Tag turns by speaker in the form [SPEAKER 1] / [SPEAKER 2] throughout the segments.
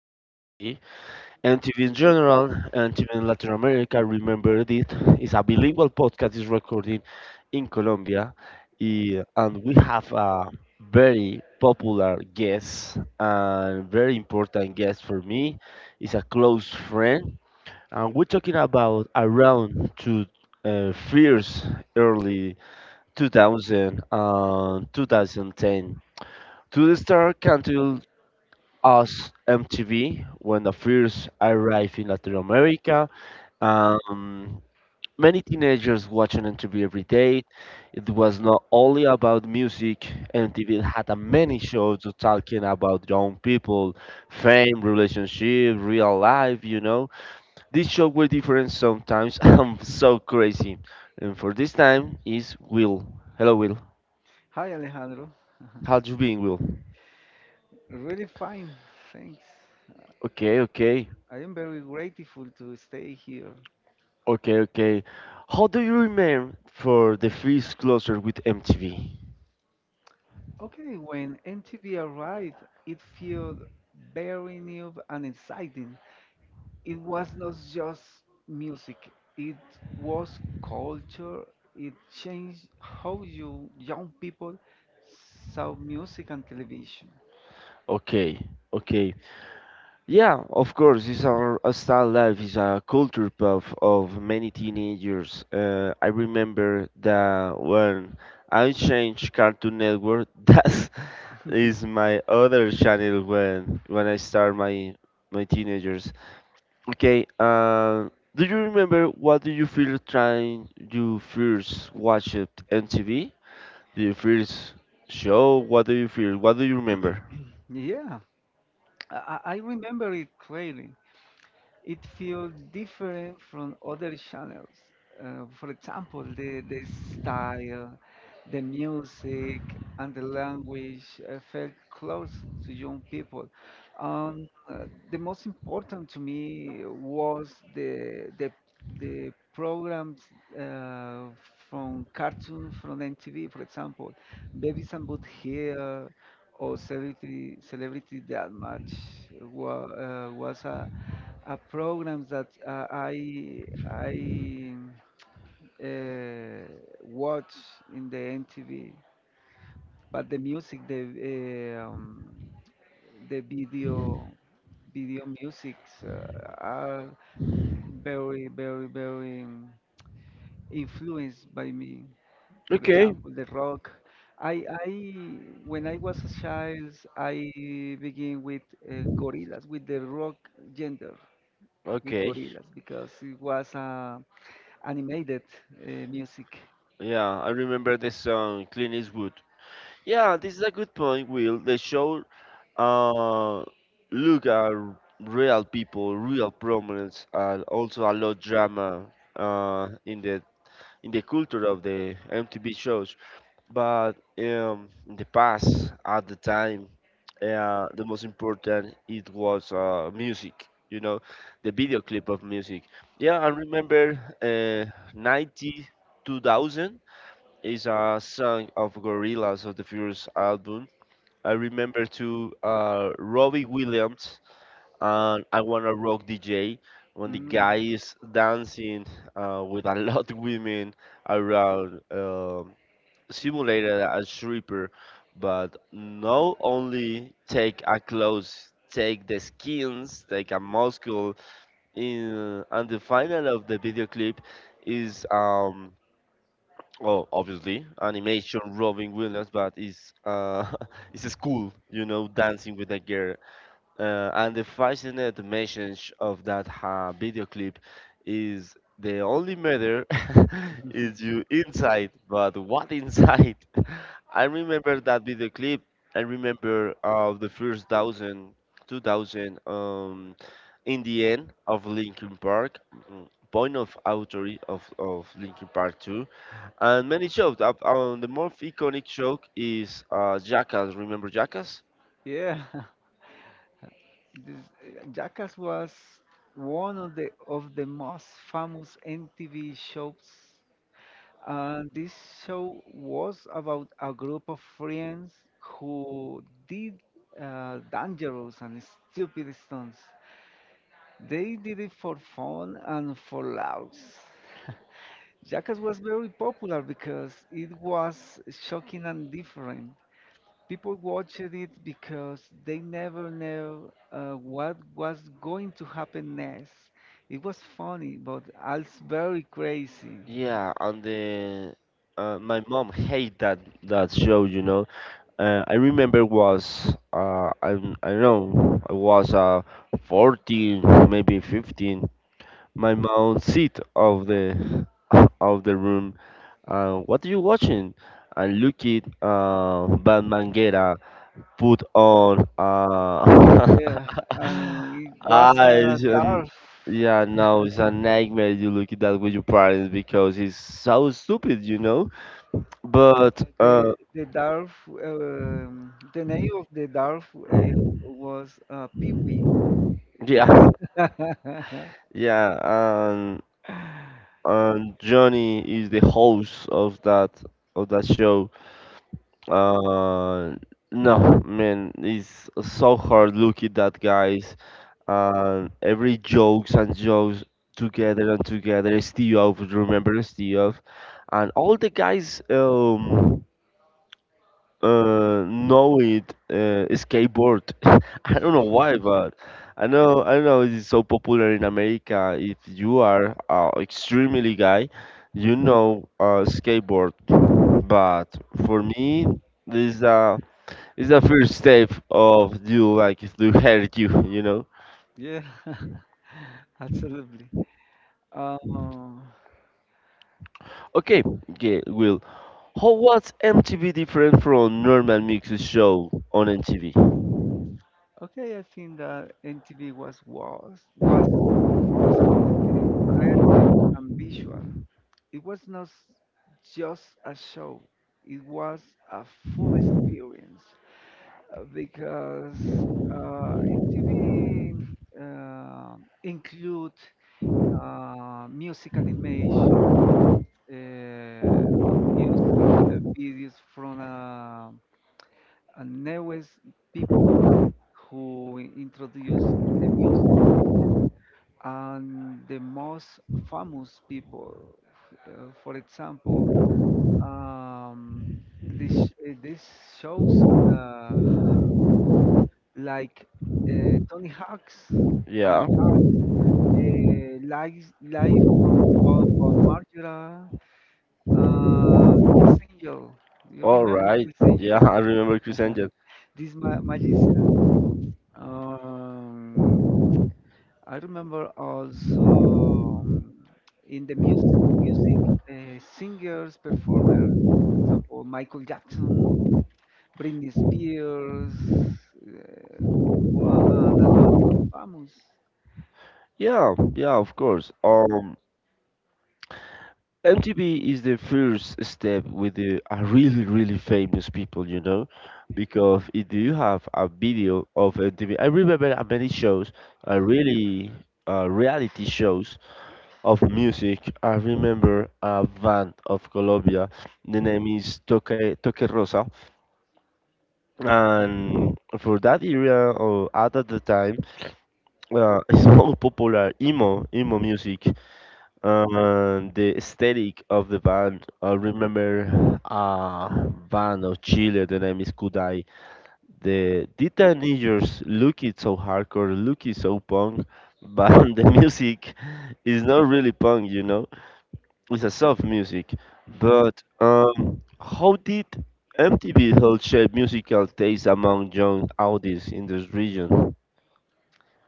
[SPEAKER 1] MTV, MTV in general, MTV in Latin America. Remember it is a bilingual podcast. Is recording in Colombia, and we have a very popular guest and very important guest for me. Is a close friend, and we're talking about around to fierce early 2000 and 2010. To the star canceled us MTV when the first arrived in Latin America. Um, Many teenagers watching MTV every day. It was not only about music. MTV had a many shows talking about young people, fame, relationship, real life. You know, these shows were different sometimes. I'm so crazy, and for this time is Will. Hello, Will.
[SPEAKER 2] Hi Alejandro.
[SPEAKER 1] How do you being, Will?
[SPEAKER 2] Really fine, thanks.
[SPEAKER 1] Okay, okay,
[SPEAKER 2] I am very grateful to stay here.
[SPEAKER 1] okay, okay. How do you remember for the first closer with MTV?
[SPEAKER 2] Okay, when MTV arrived, it felt very new and exciting. It was not just music, it was culture. It changed how you young people saw music and television.
[SPEAKER 1] Okay, okay. Yeah, of course, it's our a style life is a culture puff of many teenagers. I remember that when I changed Cartoon Network, that is my other channel when I start my teenagers. Okay. Do you remember what do you feel trying you first watched MTV? Do you first show? What do you feel? What do you remember?
[SPEAKER 2] Yeah, I remember it clearly. It feels different from other channels. For example, the style, the music, and the language felt close to young people. Um, uh, the most important to me was the programs uh, from cartoon from MTV, for example, Babies and Boot Here or Celebrity Deathmatch was a program that I uh, watch in the NTV, but the music, the video musics are very very very influenced by me. For, okay,
[SPEAKER 1] Okay.
[SPEAKER 2] example, the rock. I when I was a child, I began with gorillas, with the rock gender, with, okay,
[SPEAKER 1] Okay.
[SPEAKER 2] gorillas because it was a animated music.
[SPEAKER 1] Yeah, I remember the song Clean is Wood. Yeah, this is a good point, Will. The show uh look at real people, real problems, and also a lot drama uh in the in the culture of the MTV shows. But in the past, at the time, the most important it was music. You know, the video clip of music. Yeah, I remember 90, 2000 is a song of Gorillaz of the first album. I remember to Robbie Williams and I Wanna Rock DJ when the
[SPEAKER 2] Mm,
[SPEAKER 1] guy is dancing with a lot of women around. Simulated a stripper, but not only take a clothes, take the skins, take a muscle. In and the final of the video clip is well obviously animation Robin Williams, but is uh it's a school, you know, dancing with a girl. And the fascinating message of that video clip is the only matter is you inside, but what inside? I remember that video clip. I remember of the first thousand, 2000, in the end of Linkin Park, point of authority of Linkin Park two, and many shows. The most iconic show is Jackass. Remember Jackass?
[SPEAKER 2] yeah, this Jackass was one of the most famous MTV shows, and this show was about a group of friends who did dangerous and stupid stunts. They did it for fun and for laughs. Jackass was very popular because it was shocking and different. People watched it because they never knew what was going to happen next. It was funny, but also very crazy.
[SPEAKER 1] Yeah, and the my mom hate that show, you know. I remember was I don't know I was 14 maybe 15. My mom sit of the of the room. What are you watching? And look it Batman Get Out put on
[SPEAKER 2] Yeah, and it was a
[SPEAKER 1] eyes and
[SPEAKER 2] dwarf.
[SPEAKER 1] yeah, no, it's a nightmare. You look at that with your parents because it's so stupid, you know, but
[SPEAKER 2] The dwarf, the name of the dwarf was Pee Wee.
[SPEAKER 1] yeah. Yeah and and johnny is the host of that show, uh no, man, it's so hard look at that guys. And every jokes and jokes together and together. Steve, remember Steve, and all the guys know it. Skateboard. I don't know why, but I know it's so popular in America. If you are extremely guy, you know skateboard. But for me, this is the first step of you like to hurt you. You know.
[SPEAKER 2] Yeah, absolutely. Um,
[SPEAKER 1] Okay, okay, Will. How was MTV different from normal music show on MTV?
[SPEAKER 2] Okay, I think that MTV was both creative and visual. It was not just a show; it was a full experience because MTV uh, include music and image, uh, music videos from a newest people who introduce the music and the most famous people. For example, um, this shows uh, like uh, Tony Hawk's
[SPEAKER 1] Yeah.
[SPEAKER 2] Tony Hawk's life from Bon Margera, uh, Angel. You
[SPEAKER 1] All
[SPEAKER 2] remember
[SPEAKER 1] right.
[SPEAKER 2] Chris
[SPEAKER 1] Yeah,
[SPEAKER 2] Angel,
[SPEAKER 1] I remember Chris Angel.
[SPEAKER 2] this magician. Um, I remember also in the music singers, performers, for example, Michael Jackson, Britney Spears, and a lot of famous.
[SPEAKER 1] Yeah, yeah, of course. MTV is the first step with the a really, really famous people, you know, because if you have a video of MTV, I remember many shows, really reality shows of music. I remember a band of Colombia. The name is Toque, Toque Rosa
[SPEAKER 2] Mhm.
[SPEAKER 1] and for that area, or at the time it's more popular emo music and the aesthetic of the band. I remember a band of Chile. The name is Kudai. The teenagers look it so hardcore, look it so punk, but the music is not really punk, you know, it's a soft music, but how did MTV help shape musical taste among young audiences in this region?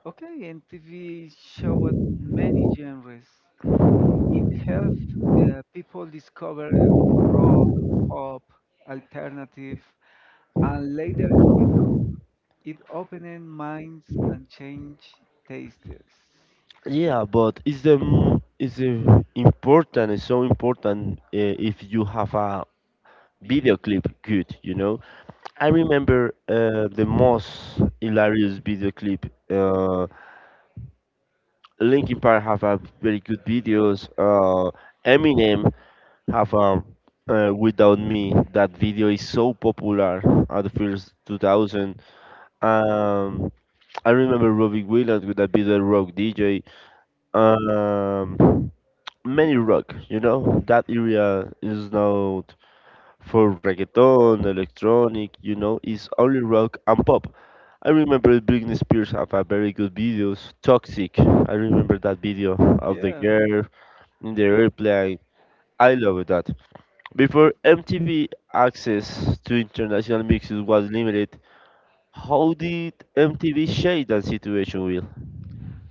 [SPEAKER 2] Okay, and TV showed many genres. It helped people discover rock, pop, alternative, and later hip. It opened minds and changed tastes.
[SPEAKER 1] Yeah, but is the is the important is so important if you have a video clip good, you know? I remember the most hilarious video clip. Linkin Park have a very good videos. Eminem have without me, that video is so popular at the first 2000. um I remember Robbie Williams with that video Rock DJ. um Many rock, you know, that area is not for reggaeton, electronic, you know, it's only rock and pop. I remember Britney Spears have a very good videos, Toxic. I remember that video of the
[SPEAKER 2] Yeah.
[SPEAKER 1] girl in the airplane. I love that. Before MTV access to international mixes was limited, how did MTV shape that situation, Will?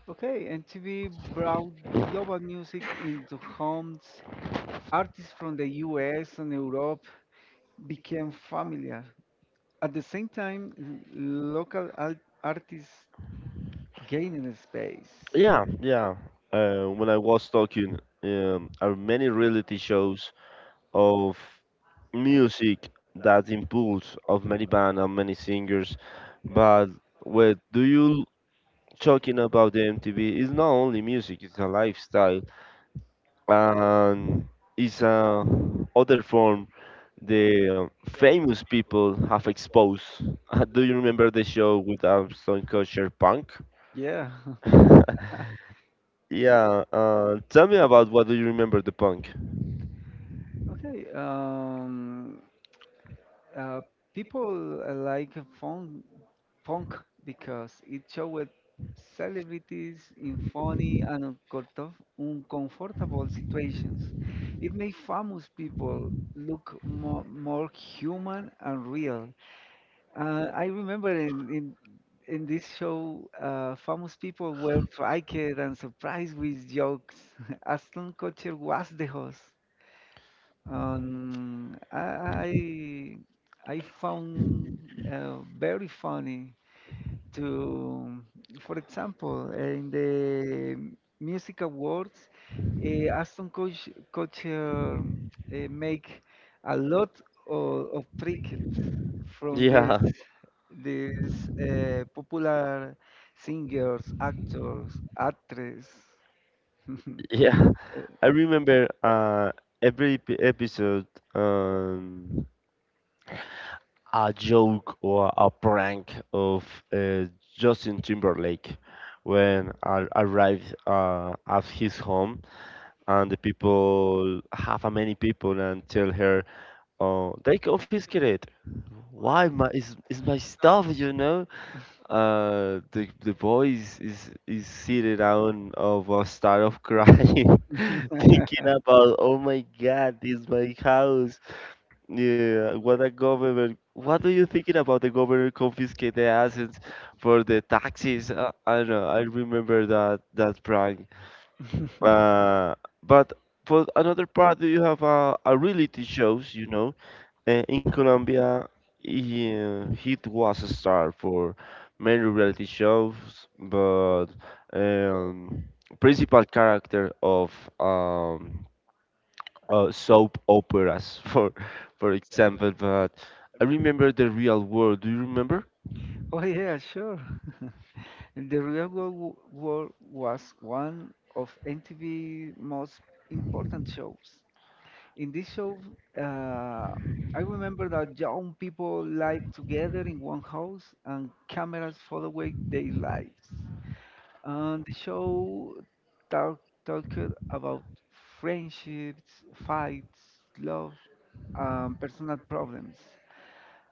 [SPEAKER 2] Okay, and TV brought global music into homes. Artists from the US and Europe became familiar. At the same time, l- local artists gaining space.
[SPEAKER 1] Yeah, yeah. When I was talking, are many reality shows of music that impulse of many bands and many singers, but what do you talking about the MTV? It's not only music; it's a lifestyle and it's a other form the famous people have exposed. Do you remember the show with Armstrong Kutcher Punk?
[SPEAKER 2] Yeah.
[SPEAKER 1] Yeah, tell me about what do you remember the punk?
[SPEAKER 2] Okay. Uh, people like fun, funk because it showed celebrities in funny and uncomfortable situations. It made famous people look more human and real. I remember in this show, famous people were tricked and surprised with jokes. Aston Kutcher was the host. Um, I I found very funny to, for example, in the music awards, Aston Coach Kutcher make a lot of trinkets from, yeah,
[SPEAKER 1] Yeah,
[SPEAKER 2] these these popular singers, actors, actresses.
[SPEAKER 1] yeah. I remember every episode, um, a joke or a prank of uh, Justin Timberlake when I arrived at his home and the people, half a many people, and tell her, oh, they confiscate. Why my is my stuff, you know? The the boy is sitting down of a start of crying, thinking about, oh my God, this is my house. Yeah, what a government. What are you thinking about the government confiscate the assets for the taxes? I know, I remember that prank. Uh, but for another part, you have a reality shows, you know? In Colombia, he was a star for many reality shows, but um, principal character of um, soap operas, for example. But I remember the Real World. Do you remember?
[SPEAKER 2] Oh yeah, sure. And the real world was one of MTV's most important shows. In this show, uh, I remember that young people lived together in one house and cameras followed their lives. And the show talk, talked about friendships, fights, love, and personal problems.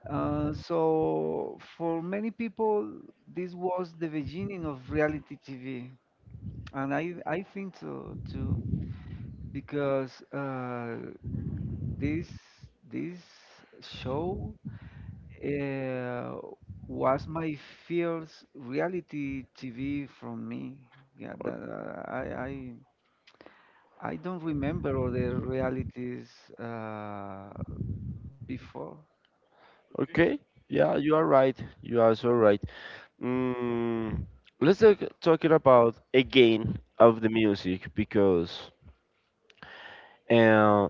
[SPEAKER 2] So for many people, this was the beginning of reality TV, and I think so too because this this show uh, was my first reality TV from me. Yeah,
[SPEAKER 1] Or-
[SPEAKER 2] I I I don't remember other realities uh, before.
[SPEAKER 1] Okay, yeah, you are right. You are so right. Mm, let's talking about again of the music because, uh,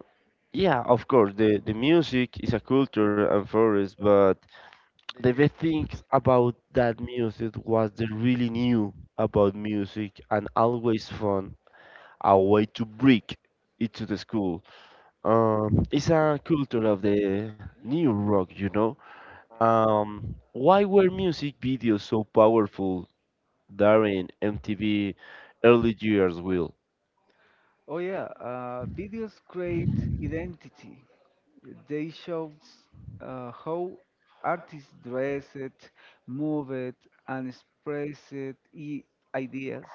[SPEAKER 1] yeah, of course, the music is a culture and forest, but the best things about that music was the really new about music and always fun, a way to break it to the school. It's a culture of the new rock, you know. Why were music videos so powerful during MTV early years, Will?
[SPEAKER 2] Oh yeah, videos create identity. They show how artists dressed, moved, and expressed ideas.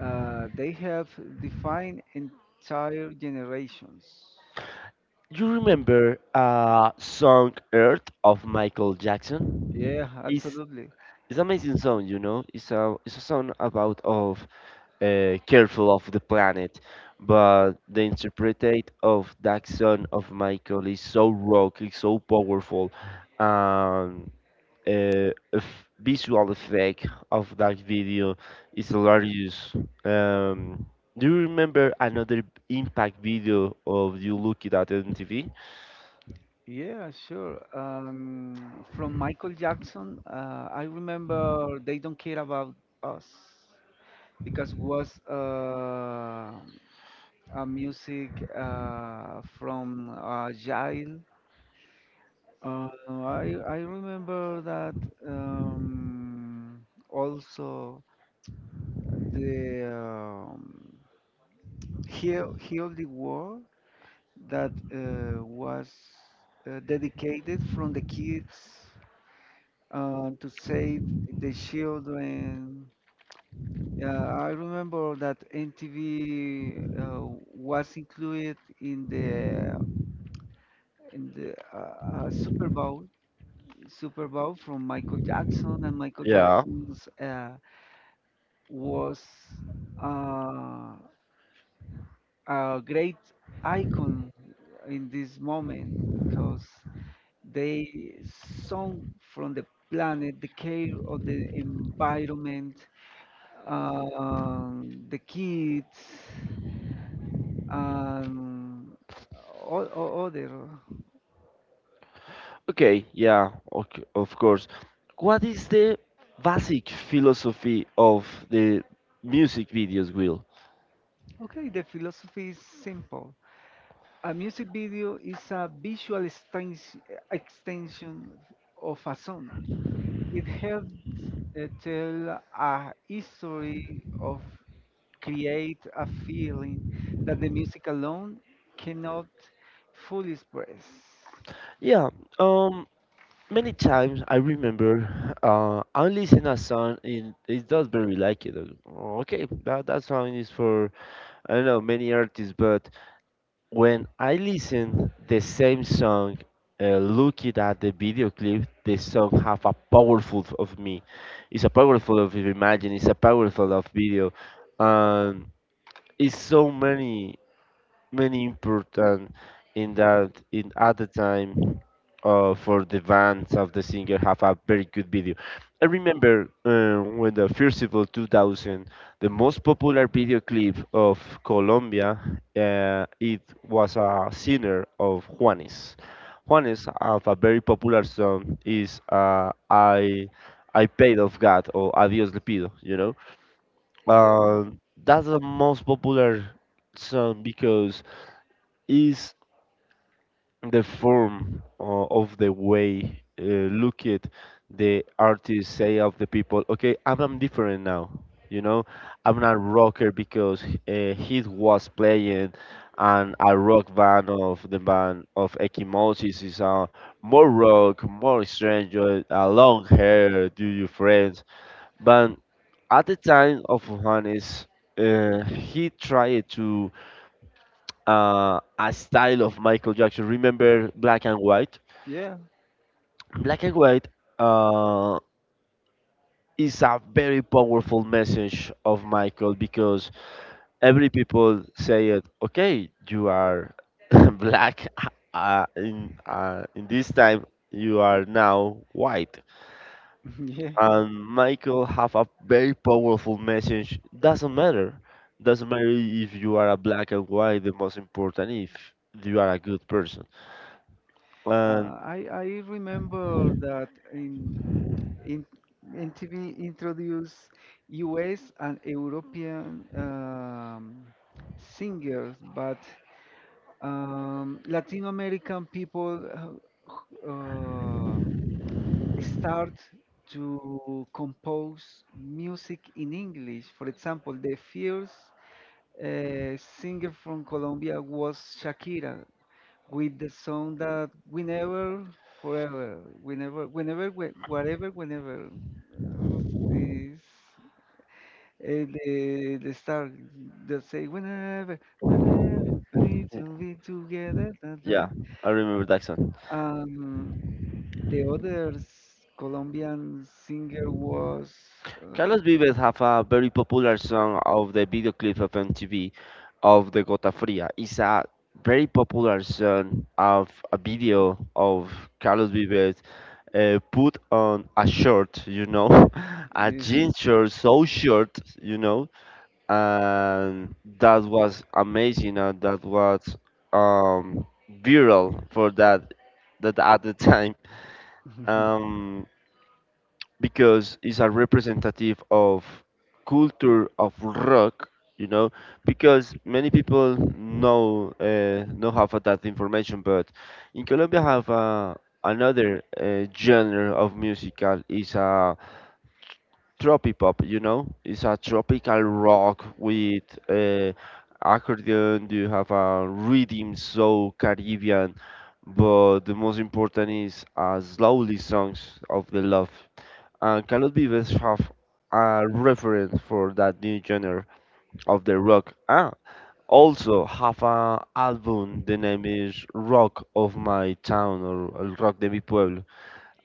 [SPEAKER 2] They have defined entire generations.
[SPEAKER 1] You remember song Earth of Michael Jackson?
[SPEAKER 2] Yeah,
[SPEAKER 1] It's
[SPEAKER 2] absolutely.
[SPEAKER 1] it's amazing song, you know. It's a song about of careful of the planet, but the interpretate of that song of Michael is so rock, it's so powerful. Um, a visual effect of that video is hilarious. Um, do you remember another impact video of you looking at MTV?
[SPEAKER 2] Yeah, sure. From Michael Jackson, I remember they don't care about us because was a music from a child. I remember that um, also the Heal the World that was dedicated from the kids to save the children. I remember that MTV was included in the in the uh, uh, Super Bowl Super Bowl from Michael Jackson and Michael
[SPEAKER 1] Yeah.
[SPEAKER 2] Jackson's was uh, a great icon in this moment because they song from the planet, the care of the environment, the kids, and all other.
[SPEAKER 1] Okay, yeah, okay, of course. What is the basic philosophy of the music videos, Will?
[SPEAKER 2] Okay, the philosophy is simple. A music video is a visual extension of a song. It helps tell a history of create a feeling that the music alone cannot fully express.
[SPEAKER 1] Yeah, um, many times I remember I listen a song and it does very like it. Oh, okay, that song is for I don't know many artists, but when I listen the same song, looking at the video clip, the song have a powerful of me. It's a powerful of imagine. It's a powerful of video. Um, it's so many many important in that in at the time for the bands of the singer have a very good video. I remember when the Festival 2000, the most popular video clip of Colombia, it was a singer of Juanes. Juanes have a very popular song is I paid of God or Adios le pido, you know.
[SPEAKER 2] Yeah.
[SPEAKER 1] Uh, that's the most popular song because is the form of the way look it? The artists say of the people, okay, I'm different now, you know, I'm not a rocker because he was playing and a rock band of the band of Ekimosis is more rock more stranger, long hair do you friends, but at the time of Juanes he tried to a style of Michael Jackson. Remember Black and White?
[SPEAKER 2] Yeah,
[SPEAKER 1] Black and White uh, is a very powerful message of Michael because every people say it. Okay, you are black in this time. You are now white,
[SPEAKER 2] yeah.
[SPEAKER 1] and Michael have a very powerful message. Doesn't matter. Doesn't matter if you are a black and white. The most important if you are a good person. And.
[SPEAKER 2] I remember that in in MTV introduced U.S. and European singers, but Latin American people uh, uh, start to compose music in English. For example, the first singer from Colombia was Shakira with the song that whenever, forever, whenever, whenever, whatever, whenever uh, is the star that say whenever, whenever, we need to be together. Da, da, da."
[SPEAKER 1] Yeah, I remember that song.
[SPEAKER 2] Um, The other Colombian singer was. Uh,
[SPEAKER 1] Carlos Vives have a very popular song of the video clip of MTV of the Gota Fria. It's a very popular song of a video of Carlos Vives put on a shirt, you know, a
[SPEAKER 2] eh,
[SPEAKER 1] jean shirt, so short, you know, and that was amazing, and that was um, viral for that at the time. Um, because it's a representative of culture of rock, you know, because many people know don't have that information, but in colombia have another genre of musical is a tropipop, you know, it's a tropical rock with uh, accordion, you have a rhythm so caribbean, but the most important is slowly songs of the love. And Carlos Vives have a reference for that new genre of the rock. Also have a album. The name is Rock of My Town or El Rock de Mi Pueblo,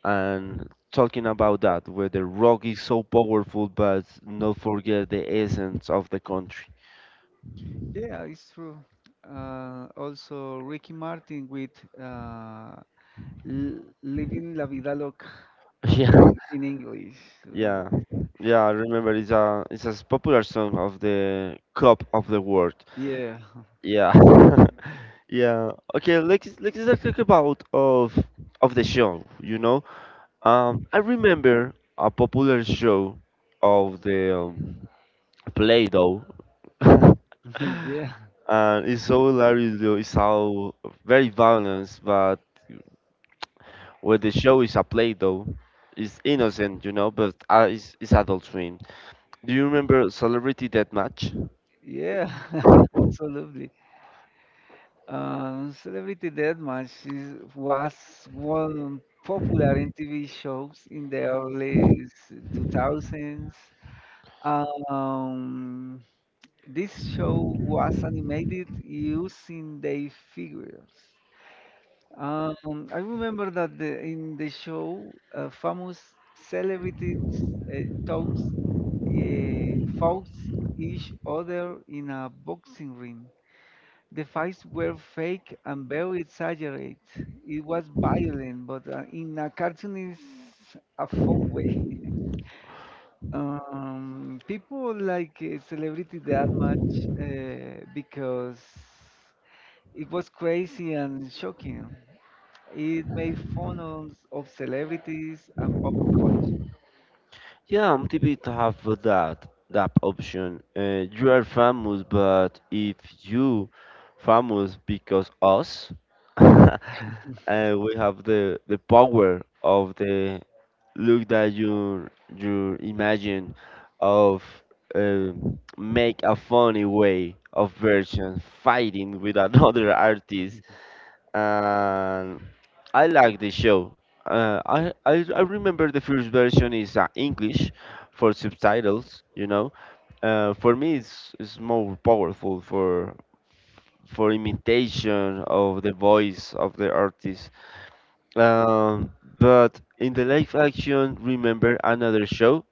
[SPEAKER 1] and talking about that, where the rock is so powerful, but not forget the essence of the country.
[SPEAKER 2] yeah, it's true. Also, Ricky Martin with uh, Living La Vida Loca uh, in English. Uh,
[SPEAKER 1] Yeah, yeah, yeah, I remember it's a popular song of the Cup of the World.
[SPEAKER 2] yeah,
[SPEAKER 1] Yeah. Yeah. Okay. Let's talk about of the show. You know, I remember a popular show of the Play-Doh,
[SPEAKER 2] yeah,
[SPEAKER 1] and it's so hilarious. Though. It's how very balanced, but where the show is a Play-Doh, it's innocent, you know, but it's Adult Swim. Do you remember Celebrity Deathmatch?
[SPEAKER 2] yeah, absolutely. Celebrity Deathmatch was one popular in TV shows in the early 2000s. Um, this show was animated using their figures. Um, I remember that in the show, famous celebrities uh, talks, fought each other in a boxing ring. The fights were fake and very exaggerated. It was violent, but in a cartoonish, a fun way. People like Celebrity that much because it was crazy and shocking. It made fun of celebrities and pop culture.
[SPEAKER 1] Yeah, MTV have that that option. You are famous, but if you famous because us, we have the power of the look that you imagine of uh, make a funny way of version fighting with another artist. And I like the show. I remember the first version is English for subtitles. You know, for me it's more powerful for imitation of the voice of the artist. But in the live action, remember another show?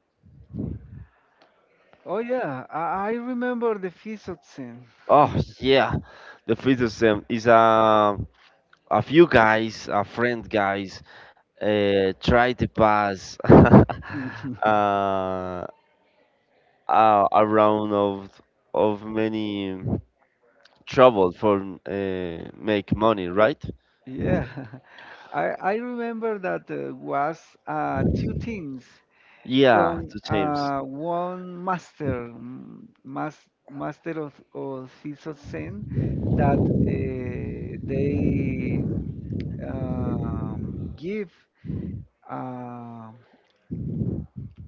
[SPEAKER 2] Oh yeah, I remember the fist scene.
[SPEAKER 1] Oh yeah, the Freedom is a few guys, a friend guys. Try to pass a, a round of many trouble for make money, right?
[SPEAKER 2] Yeah, I remember that was two teams
[SPEAKER 1] Yeah,
[SPEAKER 2] from
[SPEAKER 1] to James.
[SPEAKER 2] one master, master of Siso Zen, that they give. Uh,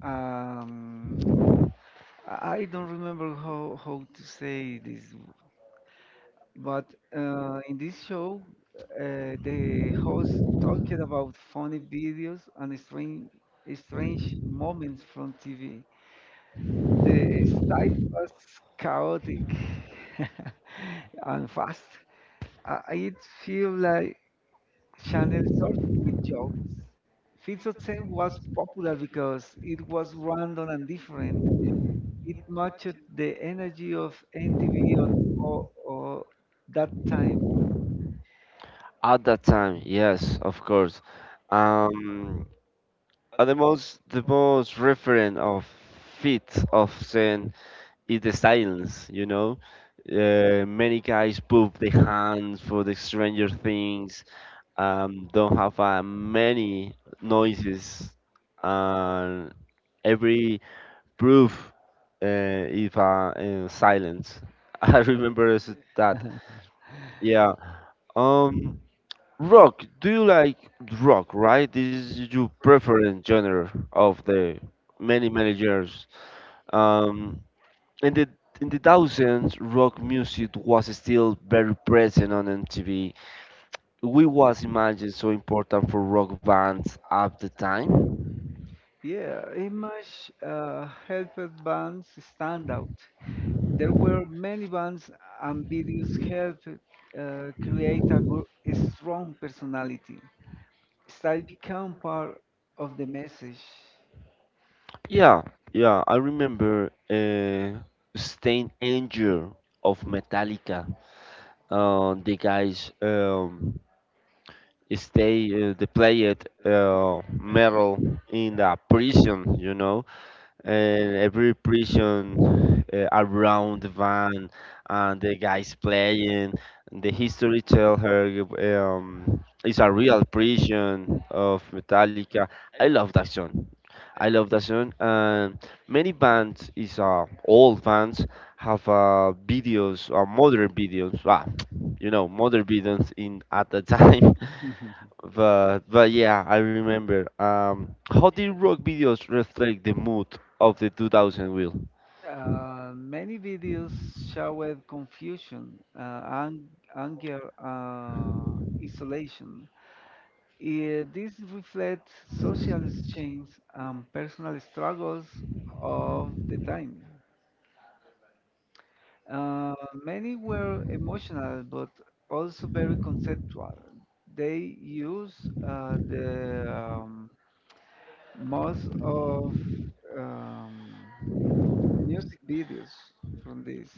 [SPEAKER 2] um, I don't remember how to say this. But in this show, the host talked about funny videos and strange moments from TV. The style was chaotic and fast. It feel like channel surfing with jokes. Fits of Ten was popular because it was random and different. It matched the energy of NTV or that time.
[SPEAKER 1] At that time, yes, of course. Um, the most referent of fit of Zen is the silence. You know, many guys put the hands for the Stranger Things, don't have many noises, and every proof uh, is in silence. I remember is that. Yeah. Um, Rock. Do you like rock? Right? This is your preferred genre of the many years. Um, in the thousands, rock music was still very present on MTV. We was imagine so important for rock bands at the time.
[SPEAKER 2] Yeah, Image helped bands stand out. There were many bands and videos helped create a strong personality. Style became part of the message.
[SPEAKER 1] Yeah, yeah, I remember Stain Angel of Metallica. The guys, they played metal in the prison, you know. And every prison around the van, and the guys playing the history tell her, it's a real prison of metallica. I love that song. And many bands is old bands have videos or modern videos, ah, you know, modern videos in at the time. But yeah, I remember. How did rock videos reflect the mood of the 2000 wheel?
[SPEAKER 2] Many videos showed confusion, anger, isolation. This reflects social change and personal struggles of the time. Uh, many were emotional, but also very conceptual. They use the most of um, music videos from this.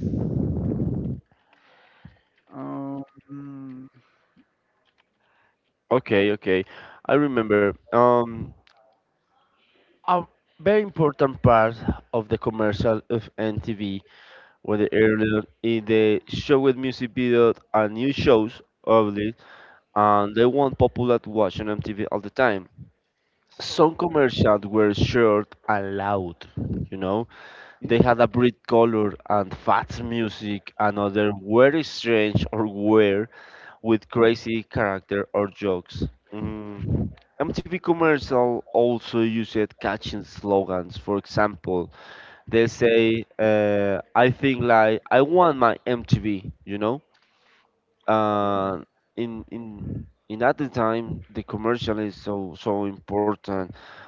[SPEAKER 2] Um,
[SPEAKER 1] Okay, I remember. A very important part of the commercial of MTV were the earlier in the show with music video and new shows obviously, and they weren't popular to watch on MTV all the time. Some commercials were short and loud, you know. They
[SPEAKER 2] yeah,
[SPEAKER 1] had a bright color and fast music, another very strange or weird with crazy character or jokes. Mm. MTV Commercial also used catching slogans. For example, they say, I think like, I want my MTV, you know?
[SPEAKER 2] yeah.
[SPEAKER 1] uh, in at the time the commercial is so important.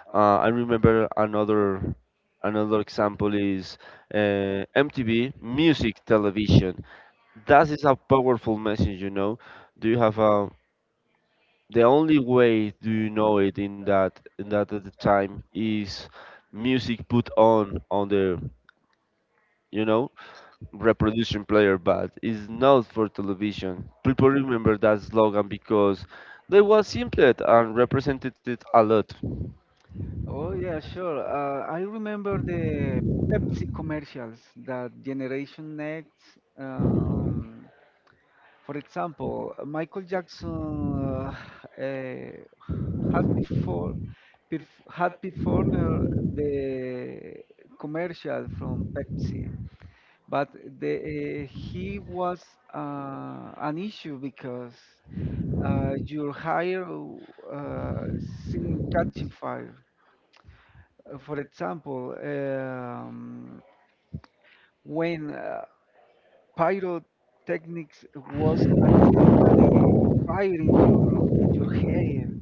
[SPEAKER 1] I remember another example is MTV Music Television. That is a powerful message, you know. Do you have a the only way do you know it in that at the time is music put on the you know, reproduction player, but is not for television. People remember that slogan because they was simple and represented it a lot.
[SPEAKER 2] Oh yeah, sure. I remember the Pepsi commercials that Generation Next. um, For example, Michael Jackson eh, has before had performed the commercial from Pepsi, but he was an issue because your hair seemed catching fire. For example, when pyrotechnics was accidentally fired in your hair.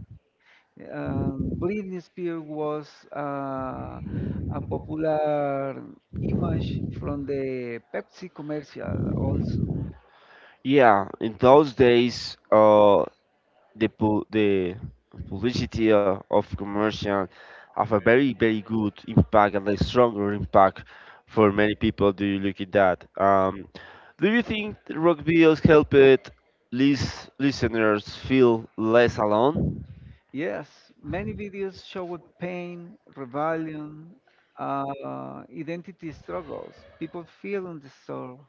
[SPEAKER 2] Britney Spears was uh, a popular image from the Pepsi commercial also.
[SPEAKER 1] Yeah, in those days, the publicity of commercial have a very very good impact and a stronger impact for many people. Do you look at that? Do you think rock videos help it listeners feel less alone?
[SPEAKER 2] Yes, many videos showed pain, rebellion, identity struggles. People feel on the soul.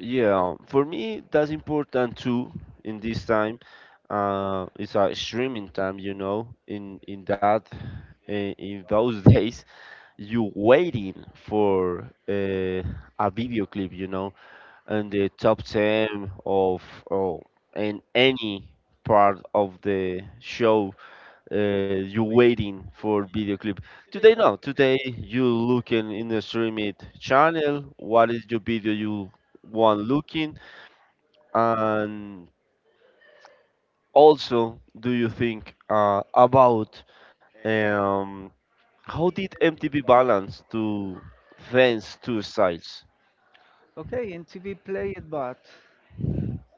[SPEAKER 1] Yeah, for me that's important too in this time. It's a streaming time, you know. In those days, you waiting for a video clip, you know, and the top ten of oh, in any part of the show, you waiting for video clip. Today no, today you looking in the streaming channel. What is your video you want looking? And also, do you think about um, how did MTV balance to fence two sides?
[SPEAKER 2] Okay, and TV played, but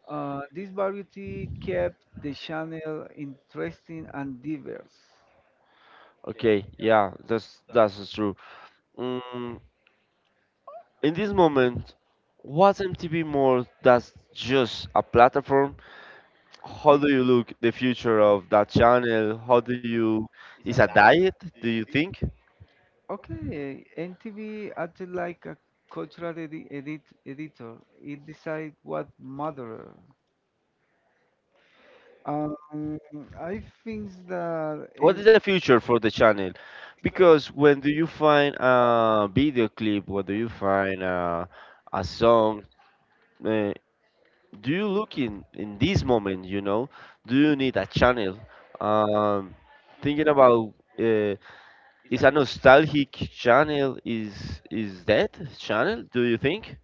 [SPEAKER 2] This variety kept the channel interesting and diverse.
[SPEAKER 1] Okay, yeah, that's true. Mm, in this moment, was MTV more that's just a platform? How
[SPEAKER 2] Y-
[SPEAKER 1] do you look the future of that channel? How do you is a diet? Do you think?
[SPEAKER 2] Okay, NTV acted like a cultural editor. It decided what mattered. Um, I think that
[SPEAKER 1] What is the future for the channel? Because when do you find a video clip, when do you find a song, uh, do you look in this moment, you know? Do you need a channel? Um, Thinking about, uh, is a nostalgic channel, is that channel, do you think?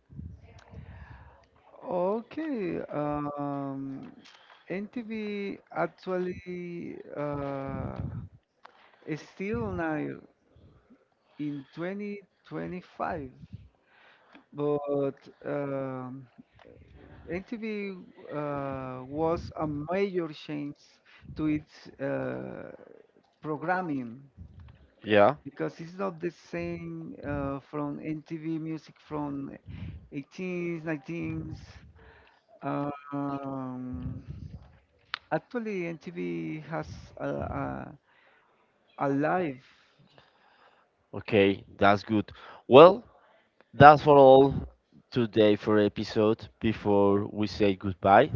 [SPEAKER 2] okay, NTV actually is still on air in 2025. But um, MTV was a major change to its programming
[SPEAKER 1] Yeah,
[SPEAKER 2] because it's not the same from MTV music from 18s, 19s. Um, actually, MTV has a, a, a live.
[SPEAKER 1] okay, that's good. Well, that's for all today for episode before we say goodbye.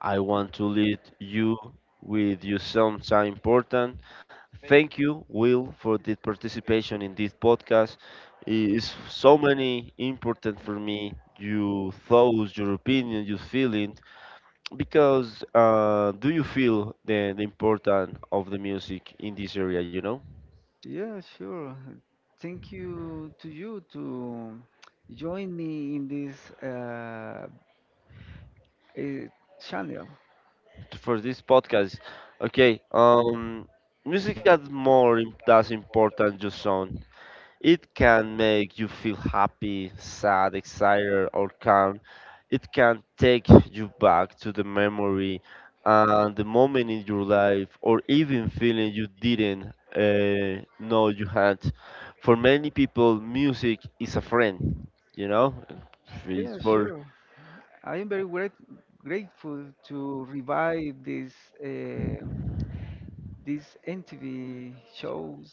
[SPEAKER 1] I want to lead you with you sometime important. Thank you, Will, for the participation in this podcast. It is so many important for me. Your thoughts, your opinion, your feelings. Because do you feel the importance of the music in this area? You know,
[SPEAKER 2] Yeah, sure. Thank you to you to join me in this uh, channel.
[SPEAKER 1] for this podcast. Okay. Music has more that's important just sound. It can make you feel happy, sad, excited, or calm. It can take you back to the memory and the moment in your life, or even feeling you didn't know you had. For many people, music is a friend, you know? It's
[SPEAKER 2] Yeah,
[SPEAKER 1] for
[SPEAKER 2] sure. I am very grateful to revive this uh, these MTV shows,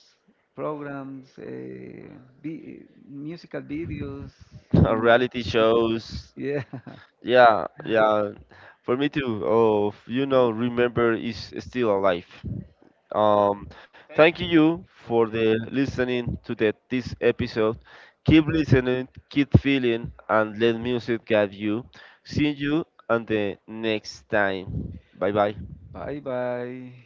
[SPEAKER 2] programs, vi- musical videos. Online.
[SPEAKER 1] reality shows.
[SPEAKER 2] Yeah.
[SPEAKER 1] Yeah, yeah. For me too. Oh, you know, remember is still alive. Um, Thank you for the listening to this episode. Keep listening, keep feeling, and let music guide you. See you on the next time. Bye bye.
[SPEAKER 2] Bye bye.